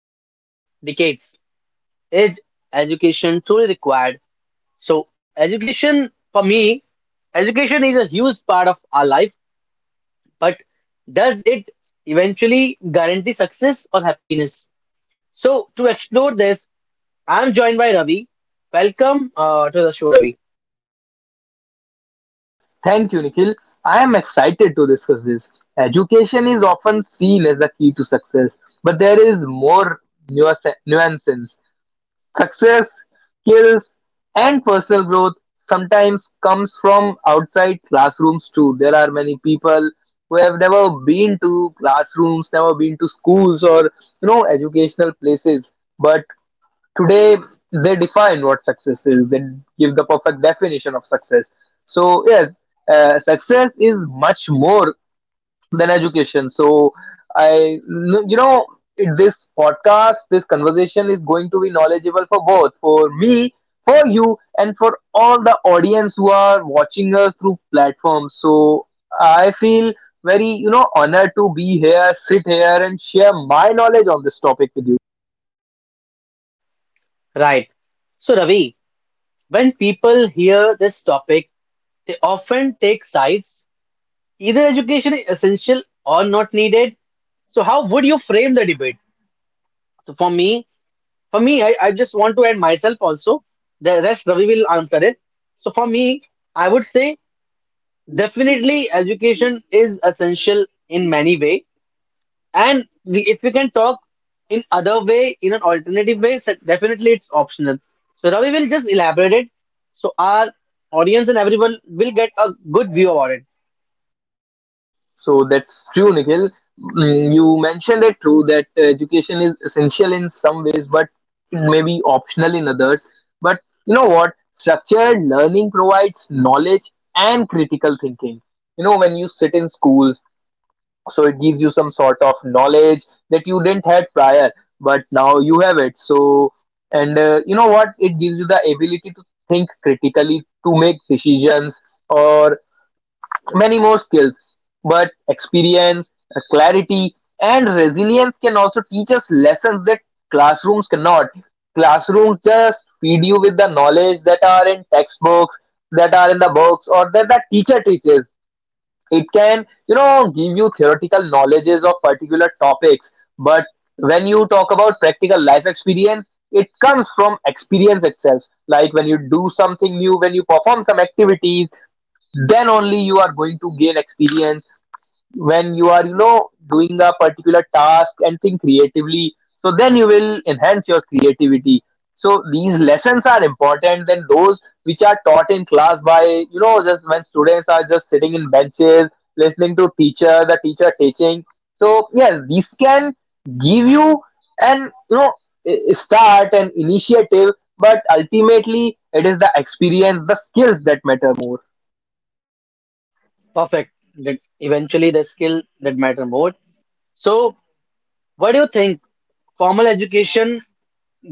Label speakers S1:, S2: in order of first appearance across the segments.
S1: For decades. Is education truly required? So, education, for me, education is a huge part of our life, but does it eventually guarantee success or happiness? So, to explore this, I'm joined by Ravi. Welcome to the show, Ravi.
S2: Thank you, Nikhil. I am excited to discuss this. Education is often seen as the key to success, but there is more nuances. Success, skills, and personal growth sometimes comes from outside classrooms too. There are many people who have never been to classrooms, never been to schools or educational places, but today they define what success is. They give the perfect definition of success. So yes, success is much more than education. So i you know this podcast this conversation is going to be knowledgeable for both, for me, for you, and for all the audience who are watching us through platforms. So I feel very, honored to be here, sit here, and share my knowledge on this topic with you.
S1: Right. So, Ravi. When people hear this topic, they often take sides. Either education is essential or not needed. So how would you frame the debate? So for me, I just want to add myself also. The rest Ravi will answer it. So for me, I would say definitely education is essential in many way. And if we can talk in other way, in an alternative way, so definitely it's optional. So Ravi will just elaborate it, so our audience and everyone will get a good view about it.
S2: So that's true, Nikhil. You mentioned it true that education is essential in some ways, but it may be optional in others. But you know what? Structured learning provides knowledge and critical thinking. You know, when you sit in schools, so it gives you some sort of knowledge that you didn't have prior, but now you have it. So, and you know what? It gives you the ability to think critically, to make decisions, or many more skills. But experience, clarity, and resilience can also teach us lessons that classrooms cannot. Classrooms just feed you with the knowledge that are in textbooks, that are in the books, or that the teacher teaches. It can give you theoretical knowledges of particular topics. But when you talk about practical life experience, it comes from experience itself. Like when you do something new, when you perform some activities, then only you are going to gain experience when you are doing a particular task and think creatively. So then you will enhance your creativity. So these lessons are important than those which are taught in class by, just when students are just sitting in benches listening to teacher the teacher teaching. So yes, these can give you an, start an initiative, but ultimately it is the experience, the skills that matter more.
S1: Perfect. That eventually the skill that matter more. So what do you think? Formal education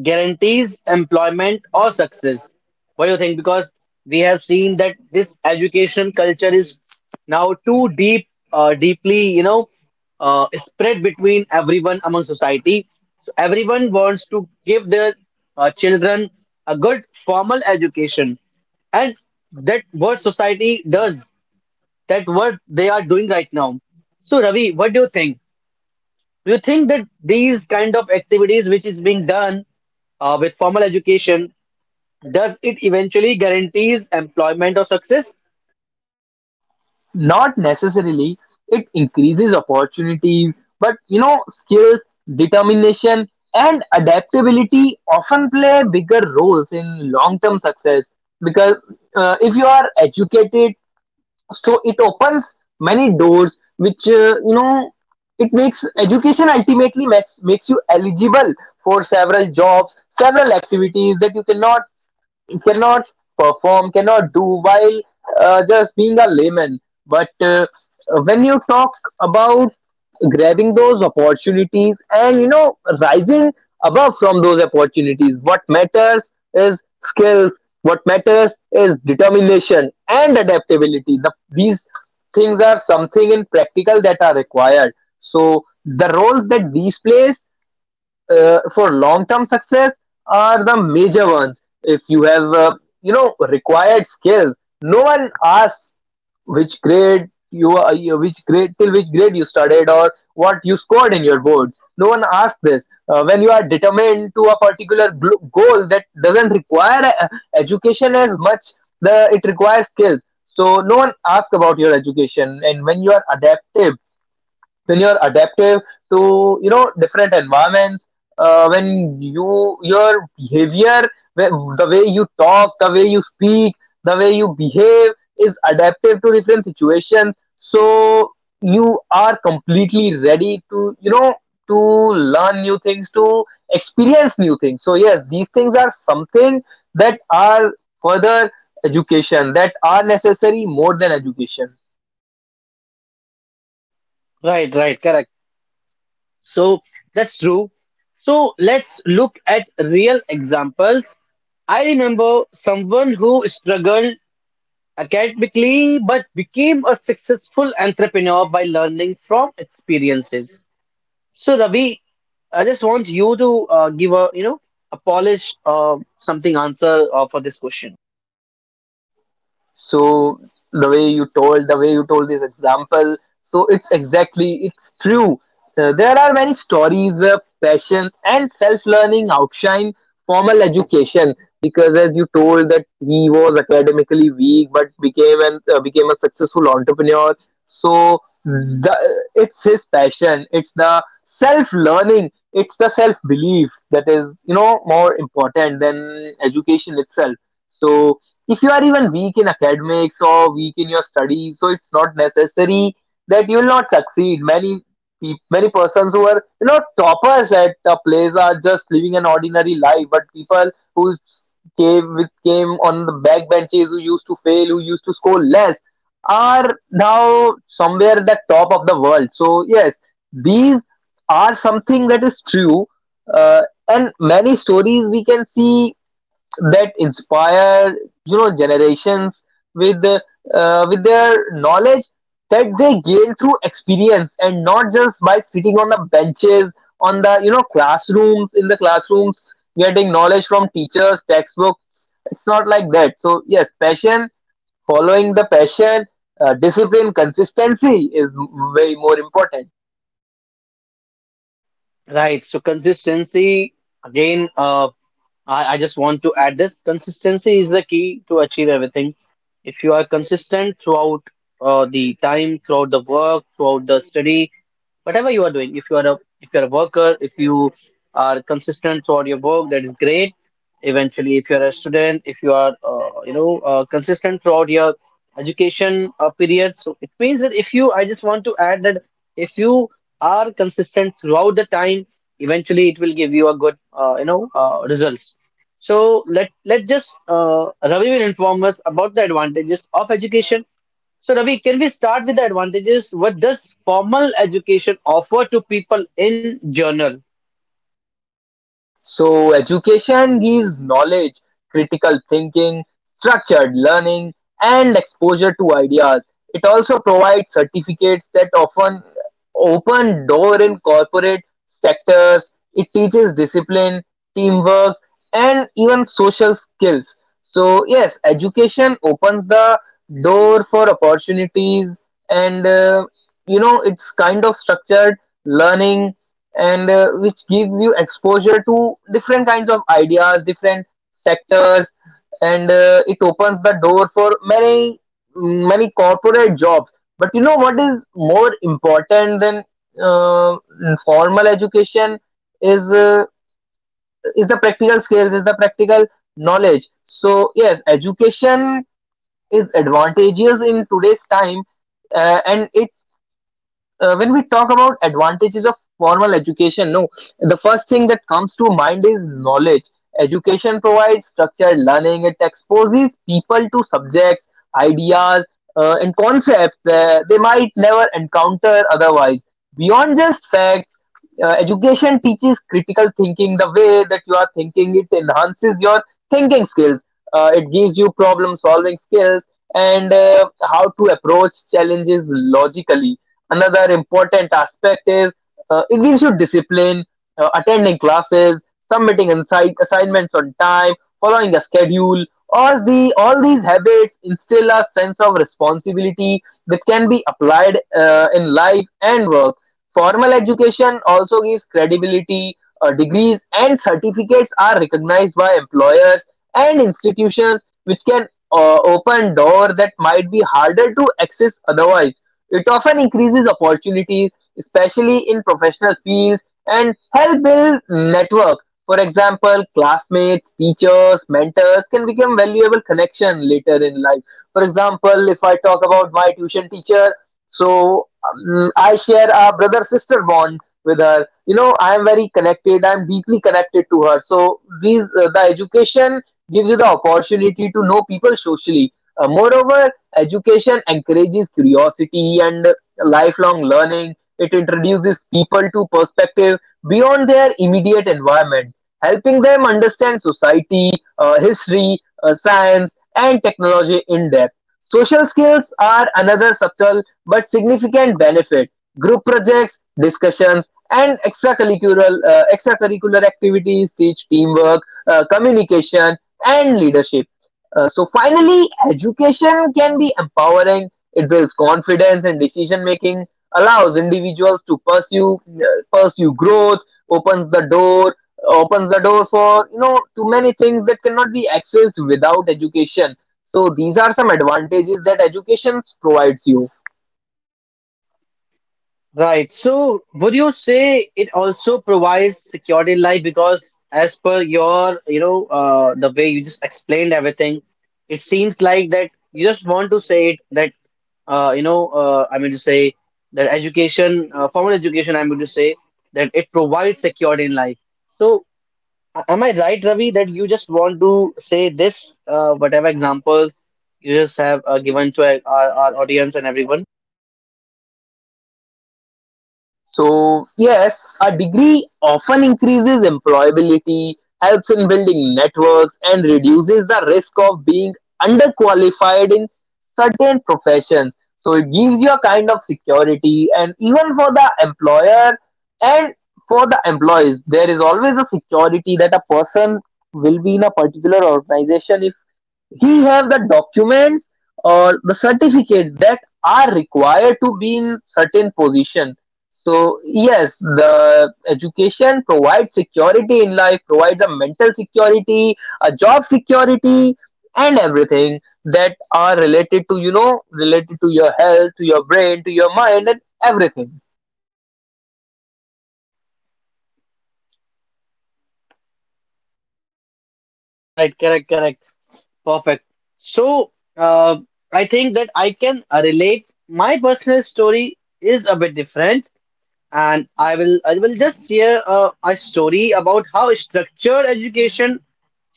S1: guarantees employment or success. What do you think? Because we have seen that this education culture is now too deeply, spread between everyone among society. So everyone wants to give their children a good formal education, and that what society does, that what they are doing right now. So Ravi, what do you think? Do you think that these kind of activities which is being done with formal education, does it eventually guarantees employment or success?
S2: Not necessarily, it increases opportunities, but you know, skill, determination, and adaptability often play bigger roles in long term success. Because if you are educated, so it opens many doors which, it makes education ultimately makes you eligible for several jobs, several activities that you cannot perform, cannot do while just being a layman. But when you talk about grabbing those opportunities and, rising above from those opportunities, what matters is skills. What matters is determination and adaptability. These things are something in practical that are required. So the role that these plays for long-term success are the major ones. If you have, required skills, no one asks which grade you are, which grade till which grade you studied or what you scored in your boards. No one asks this. When you are determined to a particular goal that doesn't require education as much, the it requires skills. So no one asks about your education. And when you are adaptive to, different environments, when your behavior, the way you talk, the way you speak, the way you behave is adaptive to different situations, so you are completely ready to, to learn new things, to experience new things. So yes, these things are something that are further education that are necessary more than education.
S1: Right, right, correct. So that's true. So let's look at real examples. I remember someone who struggled academically but became a successful entrepreneur by learning from experiences. So Ravi, I just want you to give a you know a polished something answer for this question.
S2: So the way you told the way you told this example, so it's exactly it's true. There are many stories where passion and self-learning outshine formal education. Because as you told that he was academically weak but became a successful entrepreneur. So the, it's his passion, it's the self-learning, it's the self-belief that is, more important than education itself. So if you are even weak in academics or weak in your studies, so it's not necessary that you will not succeed. Many many persons who are, toppers at a place are just living an ordinary life, but people who came on the back benches, who used to fail, who used to score less, are now somewhere at the top of the world. So yes, these are something that is true, uh, and many stories we can see that inspire, generations with, with their knowledge that they gain through experience and not just by sitting on the benches, on the, classrooms, in the classrooms, getting knowledge from teachers, textbooks. It's not like that. So yes, passion, following the passion, discipline, consistency is way more important.
S1: Right. So consistency again. I just want to add this. Consistency is the key to achieve everything. If you are consistent throughout the time, throughout the work, throughout the study, whatever you are doing, if you are a worker, if you are consistent throughout your work, that is great. Eventually, if you're a student, if you are consistent throughout your education period, so it means that if you I just want to add that if you are consistent throughout the time, eventually it will give you a good results. So let just Ravi will inform us about the advantages of education. So Ravi, can we start with the advantages? What does formal education offer to people in general?
S2: So, education gives knowledge, critical thinking, structured learning, and exposure to ideas. It also provides certificates that often open door in corporate sectors. It teaches discipline, teamwork, and even social skills. So, yes, education opens the door for opportunities, and it's kind of structured learning, and which gives you exposure to different kinds of ideas, different sectors, and it opens the door for many corporate jobs. But you know what is more important than uh, formal education is uh, is the practical skills, is the practical knowledge. So yes, education is advantageous in today's time, and it, when we talk about advantages of formal education, no, the first thing that comes to mind is knowledge. Education provides structured learning. It exposes people to subjects, ideas, and concepts they might never encounter otherwise. Beyond just facts, education teaches critical thinking. The way that you are thinking, it enhances your thinking skills. It gives you problem solving skills and, how to approach challenges logically. Another important aspect is, it gives you discipline, attending classes, submitting assignments on time, following a schedule. All these habits instill a sense of responsibility that can be applied in life and work. Formal education also gives credibility. Degrees and certificates are recognized by employers and institutions, which can, open doors that might be harder to access otherwise. It often increases opportunities, especially in professional fields, and help build network. For example, classmates, teachers, mentors can become valuable connection later in life. For example, if I talk about my tuition teacher, so I share a brother sister bond with her. You know, I am very connected. I am deeply connected to her. So these, the education gives you the opportunity to know people socially. Moreover, education encourages curiosity and lifelong learning. It introduces people to perspective beyond their immediate environment, helping them understand society, history, science, and technology in depth. Social skills are another subtle but significant benefit. Group projects, discussions, and extracurricular activities teach teamwork, communication, and leadership, so finally, education can be empowering. It builds confidence and decision making, allows individuals to pursue growth, opens the door opens the door for, too many things that cannot be accessed without education. So these are some advantages that education provides you.
S1: Right. So, would you say it also provides security in life because, as per your, the way you just explained everything, it seems like that you just want to say it that, I mean to say that education, formal education, I mean to say that it provides security in life. So, am I right, Ravi, that you just want to say this, whatever examples you just have given to our audience and everyone?
S2: So, yes, a degree often increases employability, helps in building networks, and reduces the risk of being underqualified in certain professions. So, it gives you a kind of security, and even for the employer and for the employees, there is always a security that a person will be in a particular organization if he have the documents or the certificates that are required to be in certain position. So yes, the education provides security in life, provides a mental security, a job security, and everything that are related to, related to your health, to your brain, to your mind, and everything.
S1: Right, right, correct, correct. Perfect. So, I think that I can relate. My personal story is a bit different, and I will just share a story about how structured education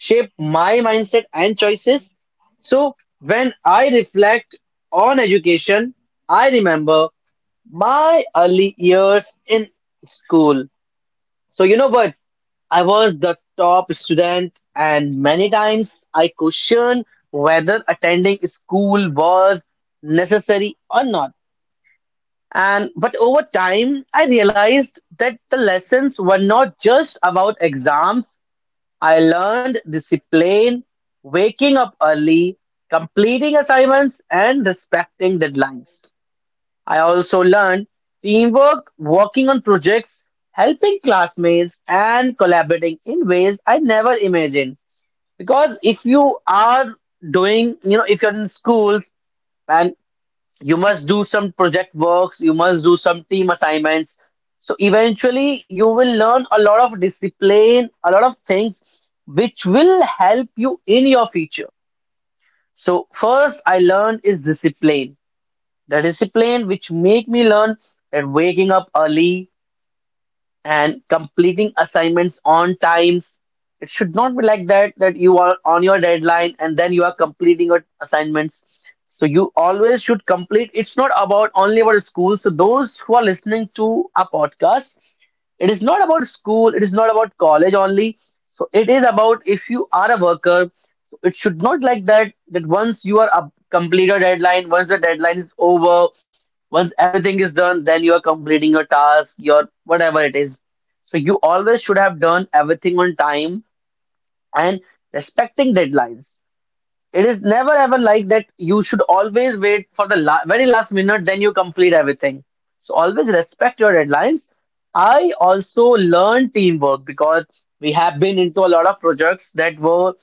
S1: shaped my mindset and choices. So, when I reflect on education, I remember my early years in school. So you know what? I was the top student, and many times I questioned whether attending school was necessary or not. And but over time, I realized that the lessons were not just about exams. I learned discipline, waking up early, completing assignments, and respecting deadlines. I also learned teamwork, working on projects, helping classmates, and collaborating in ways I never imagined. Because if you are doing, you know, if you're in schools and you must do some project works, you must do some team assignments. So eventually, you will learn a lot of discipline, a lot of things which will help you in your future. So, first, I learned is discipline, the discipline which make me learn that waking up early and completing assignments on times. It should not be like that, that you are on your deadline and then you are completing your assignments. So you always should complete. It's not about only about school. So those who are listening to our podcast, it is not about school, it is not about college only. So it is about if you are a worker, so it should not like that, that once you are up, complete your deadline, once the deadline is over, once everything is done, then you are completing your task, your whatever it is, so you always should have done everything on time and respecting deadlines. It is never ever like that you should always wait for the la very last minute, then you complete everything. So always respect your deadlines. I also learned teamwork because we have been into a lot of projects that were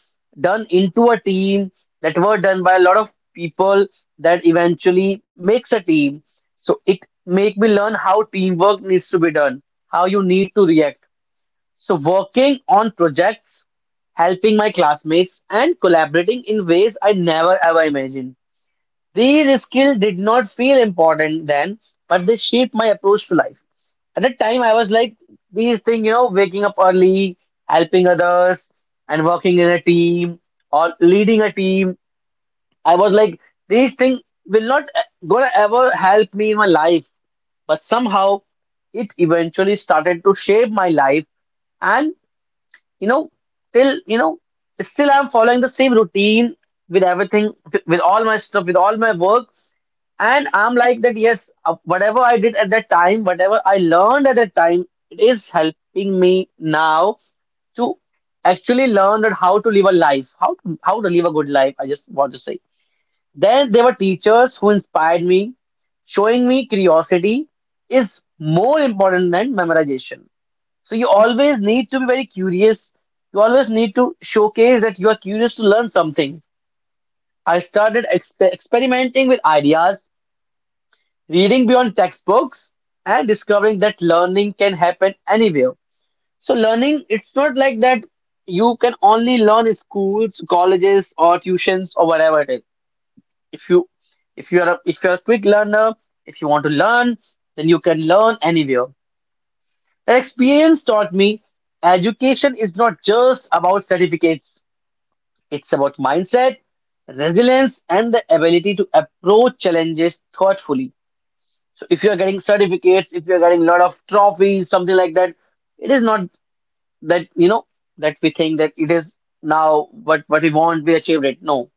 S1: done into a team, that were done by a lot of people that eventually makes a team. So it make me learn how teamwork needs to be done, how you need to react, so working on projects, helping my classmates, and collaborating in ways I never ever imagined. These skills did not feel important then, but they shaped my approach to life. At the time, I was like, these things, you know, waking up early, helping others, and working in a team or leading a team. I was like, these things will not gonna ever help me in my life, but somehow it eventually started to shape my life. And you know, still, you know, still I'm following the same routine with everything, with all my stuff, with all my work. And I'm like that, yes, whatever I did at that time, whatever I learned at that time, it is helping me now to actually learn that how to live a life, how to live a good life. I just want to say. Then there were teachers who inspired me, showing me curiosity is more important than memorization. So you always need to be very curious. You always need to showcase that you are curious to learn something. I started experimenting with ideas, reading beyond textbooks, and discovering that learning can happen anywhere. So learning, it's not like that you can only learn in schools, colleges, or tuitions or whatever it is. If you if you are a quick learner, if you want to learn, then you can learn anywhere. That experience taught me education is not just about certificates, it's about mindset, resilience, and the ability to approach challenges thoughtfully. So, if you are getting certificates, if you are getting a lot of trophies, something like that, it is not that you know that we think that it is now what, we want, we achieved it. No,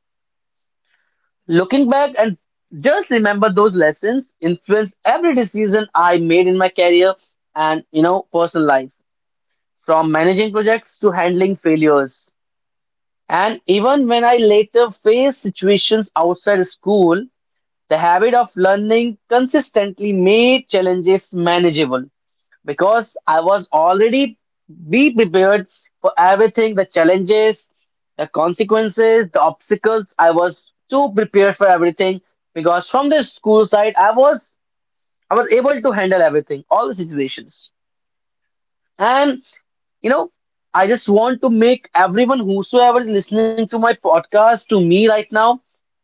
S1: looking back and just remember those lessons influence every decision I made in my career and personal life, from managing projects to handling failures. And even when I later faced situations outside school, the habit of learning consistently made challenges manageable because I was already be prepared for everything, the challenges, the consequences, the obstacles. I was too prepared for everything because from the school side, I was able to handle everything, all the situations. And you know, I just want to make everyone whosoever is listening to my podcast to me right now,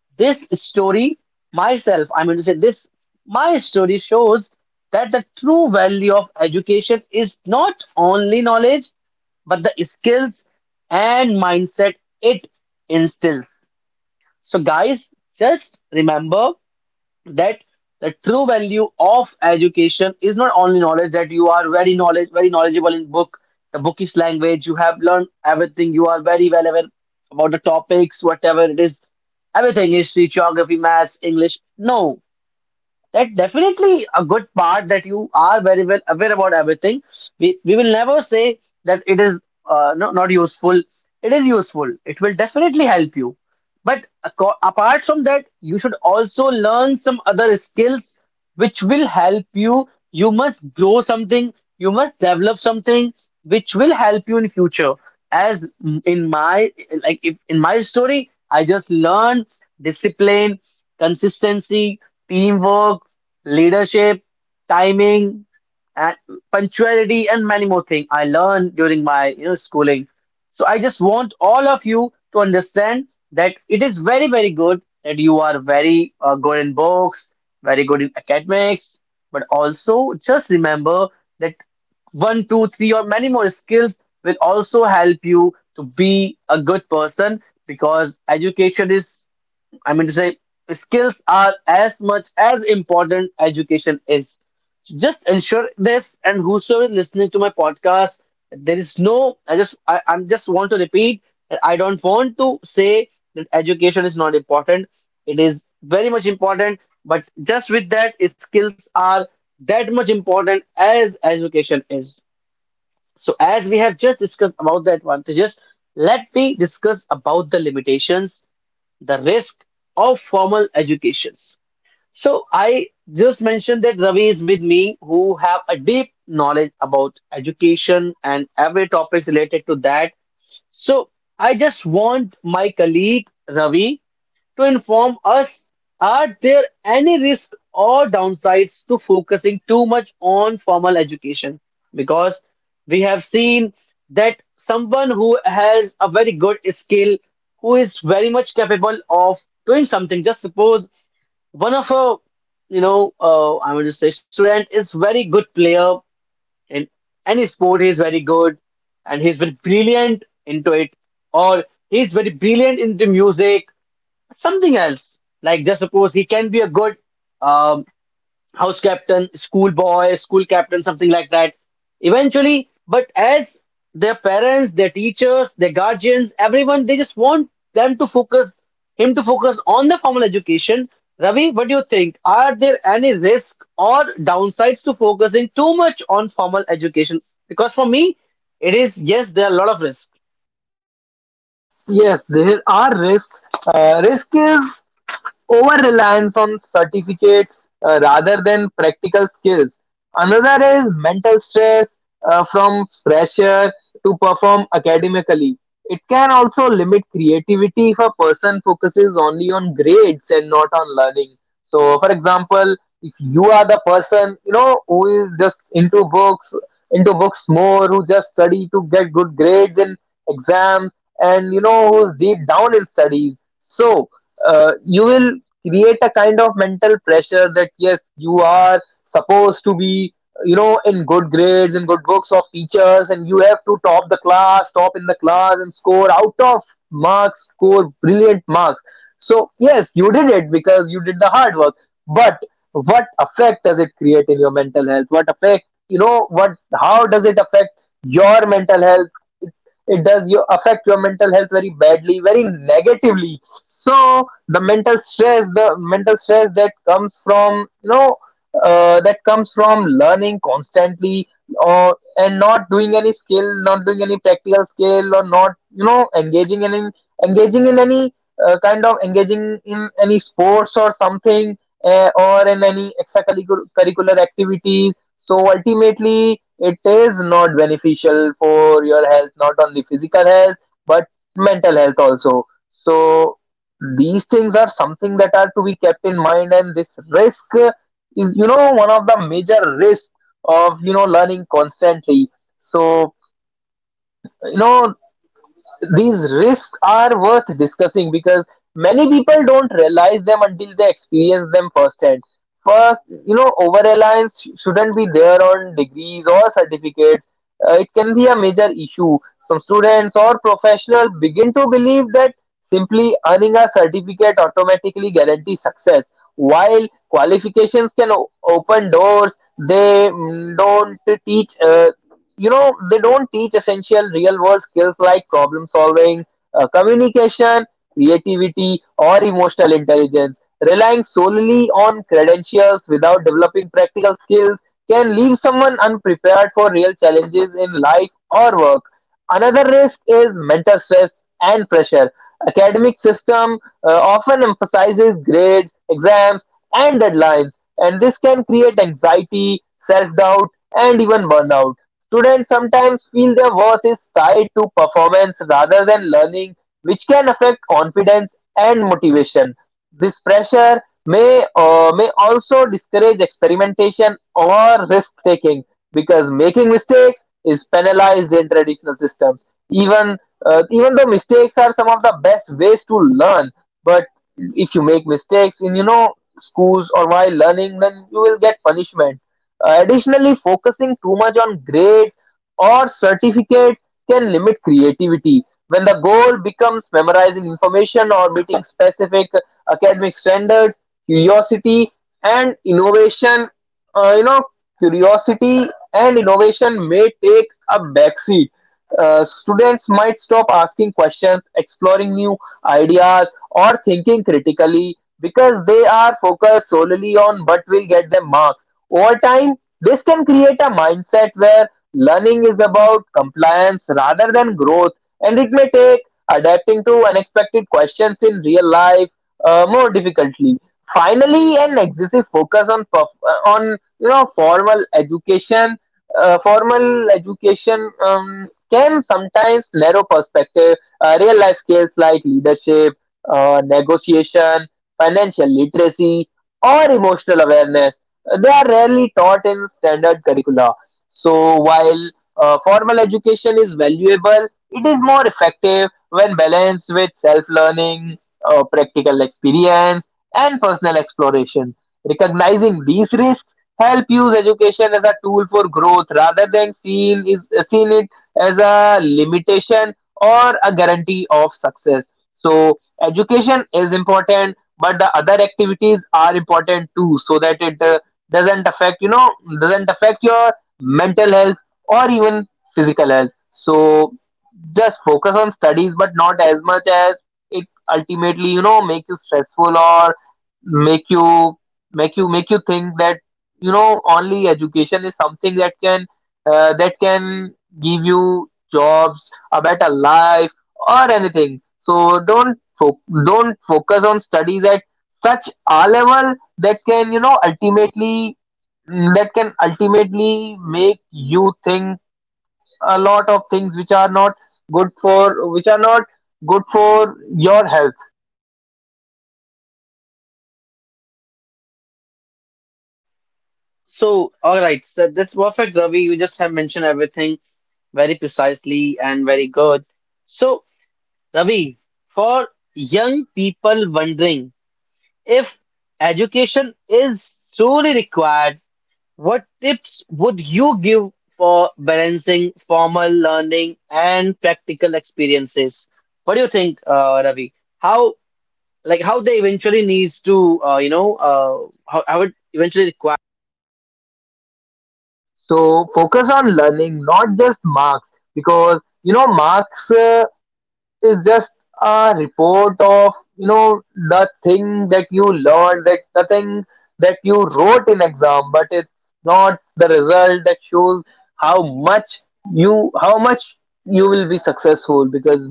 S1: this story, myself, I'm going to say this, my story shows that the true value of education is not only knowledge, but the skills and mindset it instills. So, guys, just remember that the true value of education is not only knowledge, that you are very knowledgeable in book the bookish language, you have learned everything, you are very well aware about the topics, whatever it is, everything, history, geography, maths, English. No, that definitely a good part, that you are very well aware about everything. We will never say that it is no, not useful. It is useful. It will definitely help you. But apart from that, you should also learn some other skills which will help you. You must grow something. You must develop something which will help you in future. As in my like if in my story, I just learned discipline. Consistency, teamwork, leadership, timing, and punctuality, and many more things I learned during my schooling. So I just want all of you to understand that it is very very good that you are very good in books, very good in academics, but also just remember that one, two, three, or many more skills will also help you to be a good person, because education is, I mean to say, skills are as much as important education is. Just ensure this, and whosoever is listening to my podcast, there is no. I'm just want to repeat that I don't want to say that education is not important. It is very much important, but just with that, skills are that much important as education is. So, as we have just discussed about the advantages, let me discuss about the limitations, the risk of formal educations. So I just mentioned that Ravi is with me who have a deep knowledge about education and every topics related to that. So I just want my colleague Ravi to inform us, are there any risks or downsides to focusing too much on formal education? Because we have seen that someone who has a very good skill, who is very much capable of doing something. Just suppose one of a I would just say student is very good player in any sport. He is very good, and he's very brilliant into it, or he's very brilliant in the music, something else. Like just suppose he can be a good um, house captain, school boy, school captain, something like that. Eventually, but as their parents, their teachers, their guardians, everyone, they just want them to focus, him to focus on the formal education. Ravi, what do you think? Are there any risk or downsides to focusing too much on formal education? Because for me, it is yes, there are a lot of risks.
S2: Yes, there are risks. Risk is over-reliance on certificates rather than practical skills. Another is mental stress from pressure to perform academically. It can also limit creativity if a person focuses only on grades and not on learning. So, for example, if you are the person who is just into books more, who just study to get good grades in exams, and who's deep down in studies, so you will create a kind of mental pressure that yes, you are supposed to be in good grades, in good books of teachers, and you have to top the class, top in the class, and score out of marks, score brilliant marks. So yes, you did it because you did the hard work, but what effect does it create in your mental health, what effect what, how does it affect your mental health? It does your affect your mental health very badly, very negatively. So the mental stress, the mental stress that comes from that comes from learning constantly or and not doing any skill, not doing any practical skill, or not engaging in any kind of, engaging in any sports or something, or in any extracurricular activities. So ultimately it is not beneficial for your health, not only physical health but mental health also. So these things are something that are to be kept in mind, and this risk is, one of the major risks of learning constantly. So, you know these risks are worth discussing because many people don't realize them until they experience them firsthand. First, yeah, over reliance shouldn't be there on degrees or certificates. It can be a major issue. Some students or professionals begin to believe that simply earning a certificate automatically guarantees success. While qualifications can open doors, they don't teach. They don't teach essential real world skills like problem solving, communication, creativity, or emotional intelligence. Relying solely on credentials without developing practical skills can leave someone unprepared for real challenges in life or work. Another risk is mental stress and pressure. Academic system often emphasizes grades, exams, and deadlines, and this can create anxiety, self doubt, and even burnout. Students sometimes feel their worth is tied to performance rather than learning, which can affect confidence and motivation. This pressure may also discourage experimentation or risk taking because making mistakes is penalized in traditional systems. Even even though mistakes are some of the best ways to learn, but if you make mistakes in schools or while learning, then you will get punishment. Additionally, focusing too much on grades or certificates can limit creativity. When the goal becomes memorizing information or meeting specific academic standards, curiosity and innovation, uh, you know, curiosity and innovation may take a backseat. Students might stop asking questions, exploring new ideas, or thinking critically because they are focused solely on what will get them marks. Over time, this can create a mindset where learning is about compliance rather than growth, and it may take adapting to unexpected questions in real life more difficultly. Finally, an excessive focus on on formal education can sometimes narrow perspective. Real life skills like leadership, negotiation, financial literacy, or emotional awareness, they are rarely taught in standard curricula. So while formal education is valuable, it is more effective when balanced with self-learning, practical experience, and personal exploration. Recognizing these risks help use education as a tool for growth rather than seeing it as a limitation or a guarantee of success. So education is important, but the other activities are important too, so that it doesn't affect doesn't affect your mental health or even physical health. So just focus on studies but not as much as it ultimately, make you stressful, or make you make you think that only education is something that can uh, that can give you jobs, a better life, or anything. So don't focus on studies at such a level that can, ultimately, that can ultimately make you think a lot of things which are not good for, which are not good for your health.
S1: So, all right, so that's perfect, Ravi. You just have mentioned everything very precisely and very good. So, Ravi, for young people wondering if education is truly required, what tips would you give for balancing formal learning and practical experiences? What do you think, Ravi? How, like, how they eventually needs to, how it eventually requires.
S2: So focus on learning, not just marks, because marks is just a report of, the thing that you learned, that the thing that you wrote in exam, but it's not the result that shows how much how much you will be successful. Because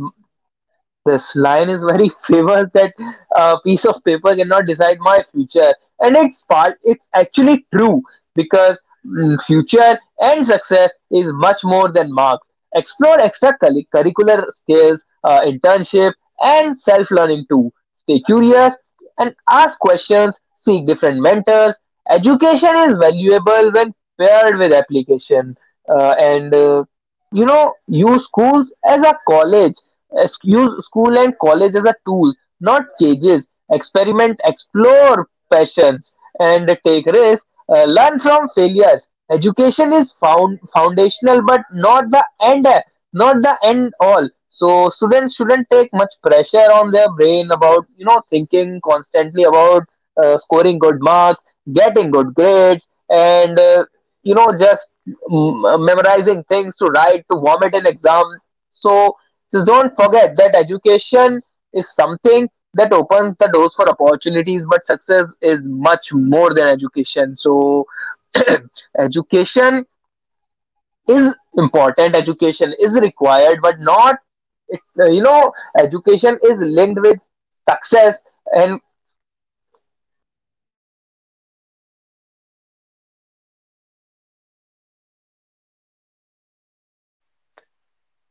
S2: this line is very famous that a piece of paper cannot decide my future, and it's part. it's actually true because future and success is much more than marks. Explore extracurricular skills, internship, and self-learning too. Stay curious and ask questions. Seek different mentors. Education is valuable when paired with application, and use schools as a college use school and college as a tool, not cages. Experiment, explore passions, and take risks. Learn from failures. Education is found foundational but not the end, not the end all. So students shouldn't take much pressure on their brain about, thinking constantly about scoring good marks, getting good grades, and just memorizing things to write, to vomit in exam. So just don't forget that education is something that opens the doors for opportunities, but success is much more than education. So education is important, education is required, but not it, education is linked with success and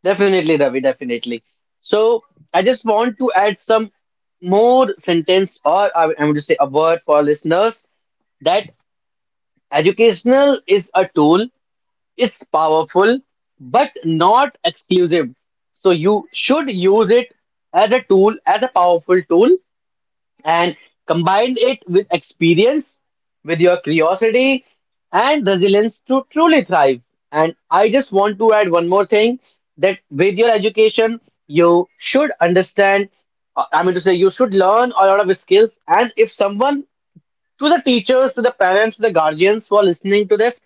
S1: Definitely, Ravi, definitely. So I just want to add some more sentence, or I want to say a word for our listeners that educational is a tool, it's powerful, but not exclusive. So you should use it as a tool, as a powerful tool, and combined it with experience, with your curiosity and resilience to truly thrive. And I just want to add one more thing, that with your education, you should understand. I mean to say, you should learn a lot of skills. And if someone, to the teachers, to the parents, to the guardians who are listening to this,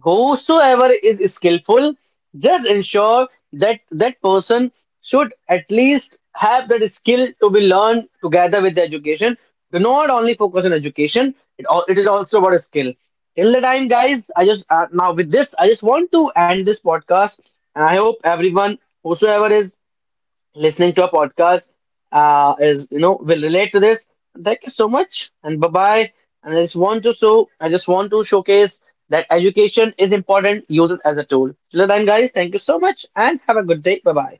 S1: whosoever is skillful, just ensure that that person should at least have that skill to be learned together with the education. Do not only focus on education; it is also about a skill. Till the time, guys, I just now with this, I just want to end this podcast, and I hope everyone, whosoever is listening to a podcast is, you know, will relate to this. Thank you so much and bye bye. And I just want to showcase that education is important. Use it as a tool. Till then, guys, thank you so much and have a good day. Bye bye.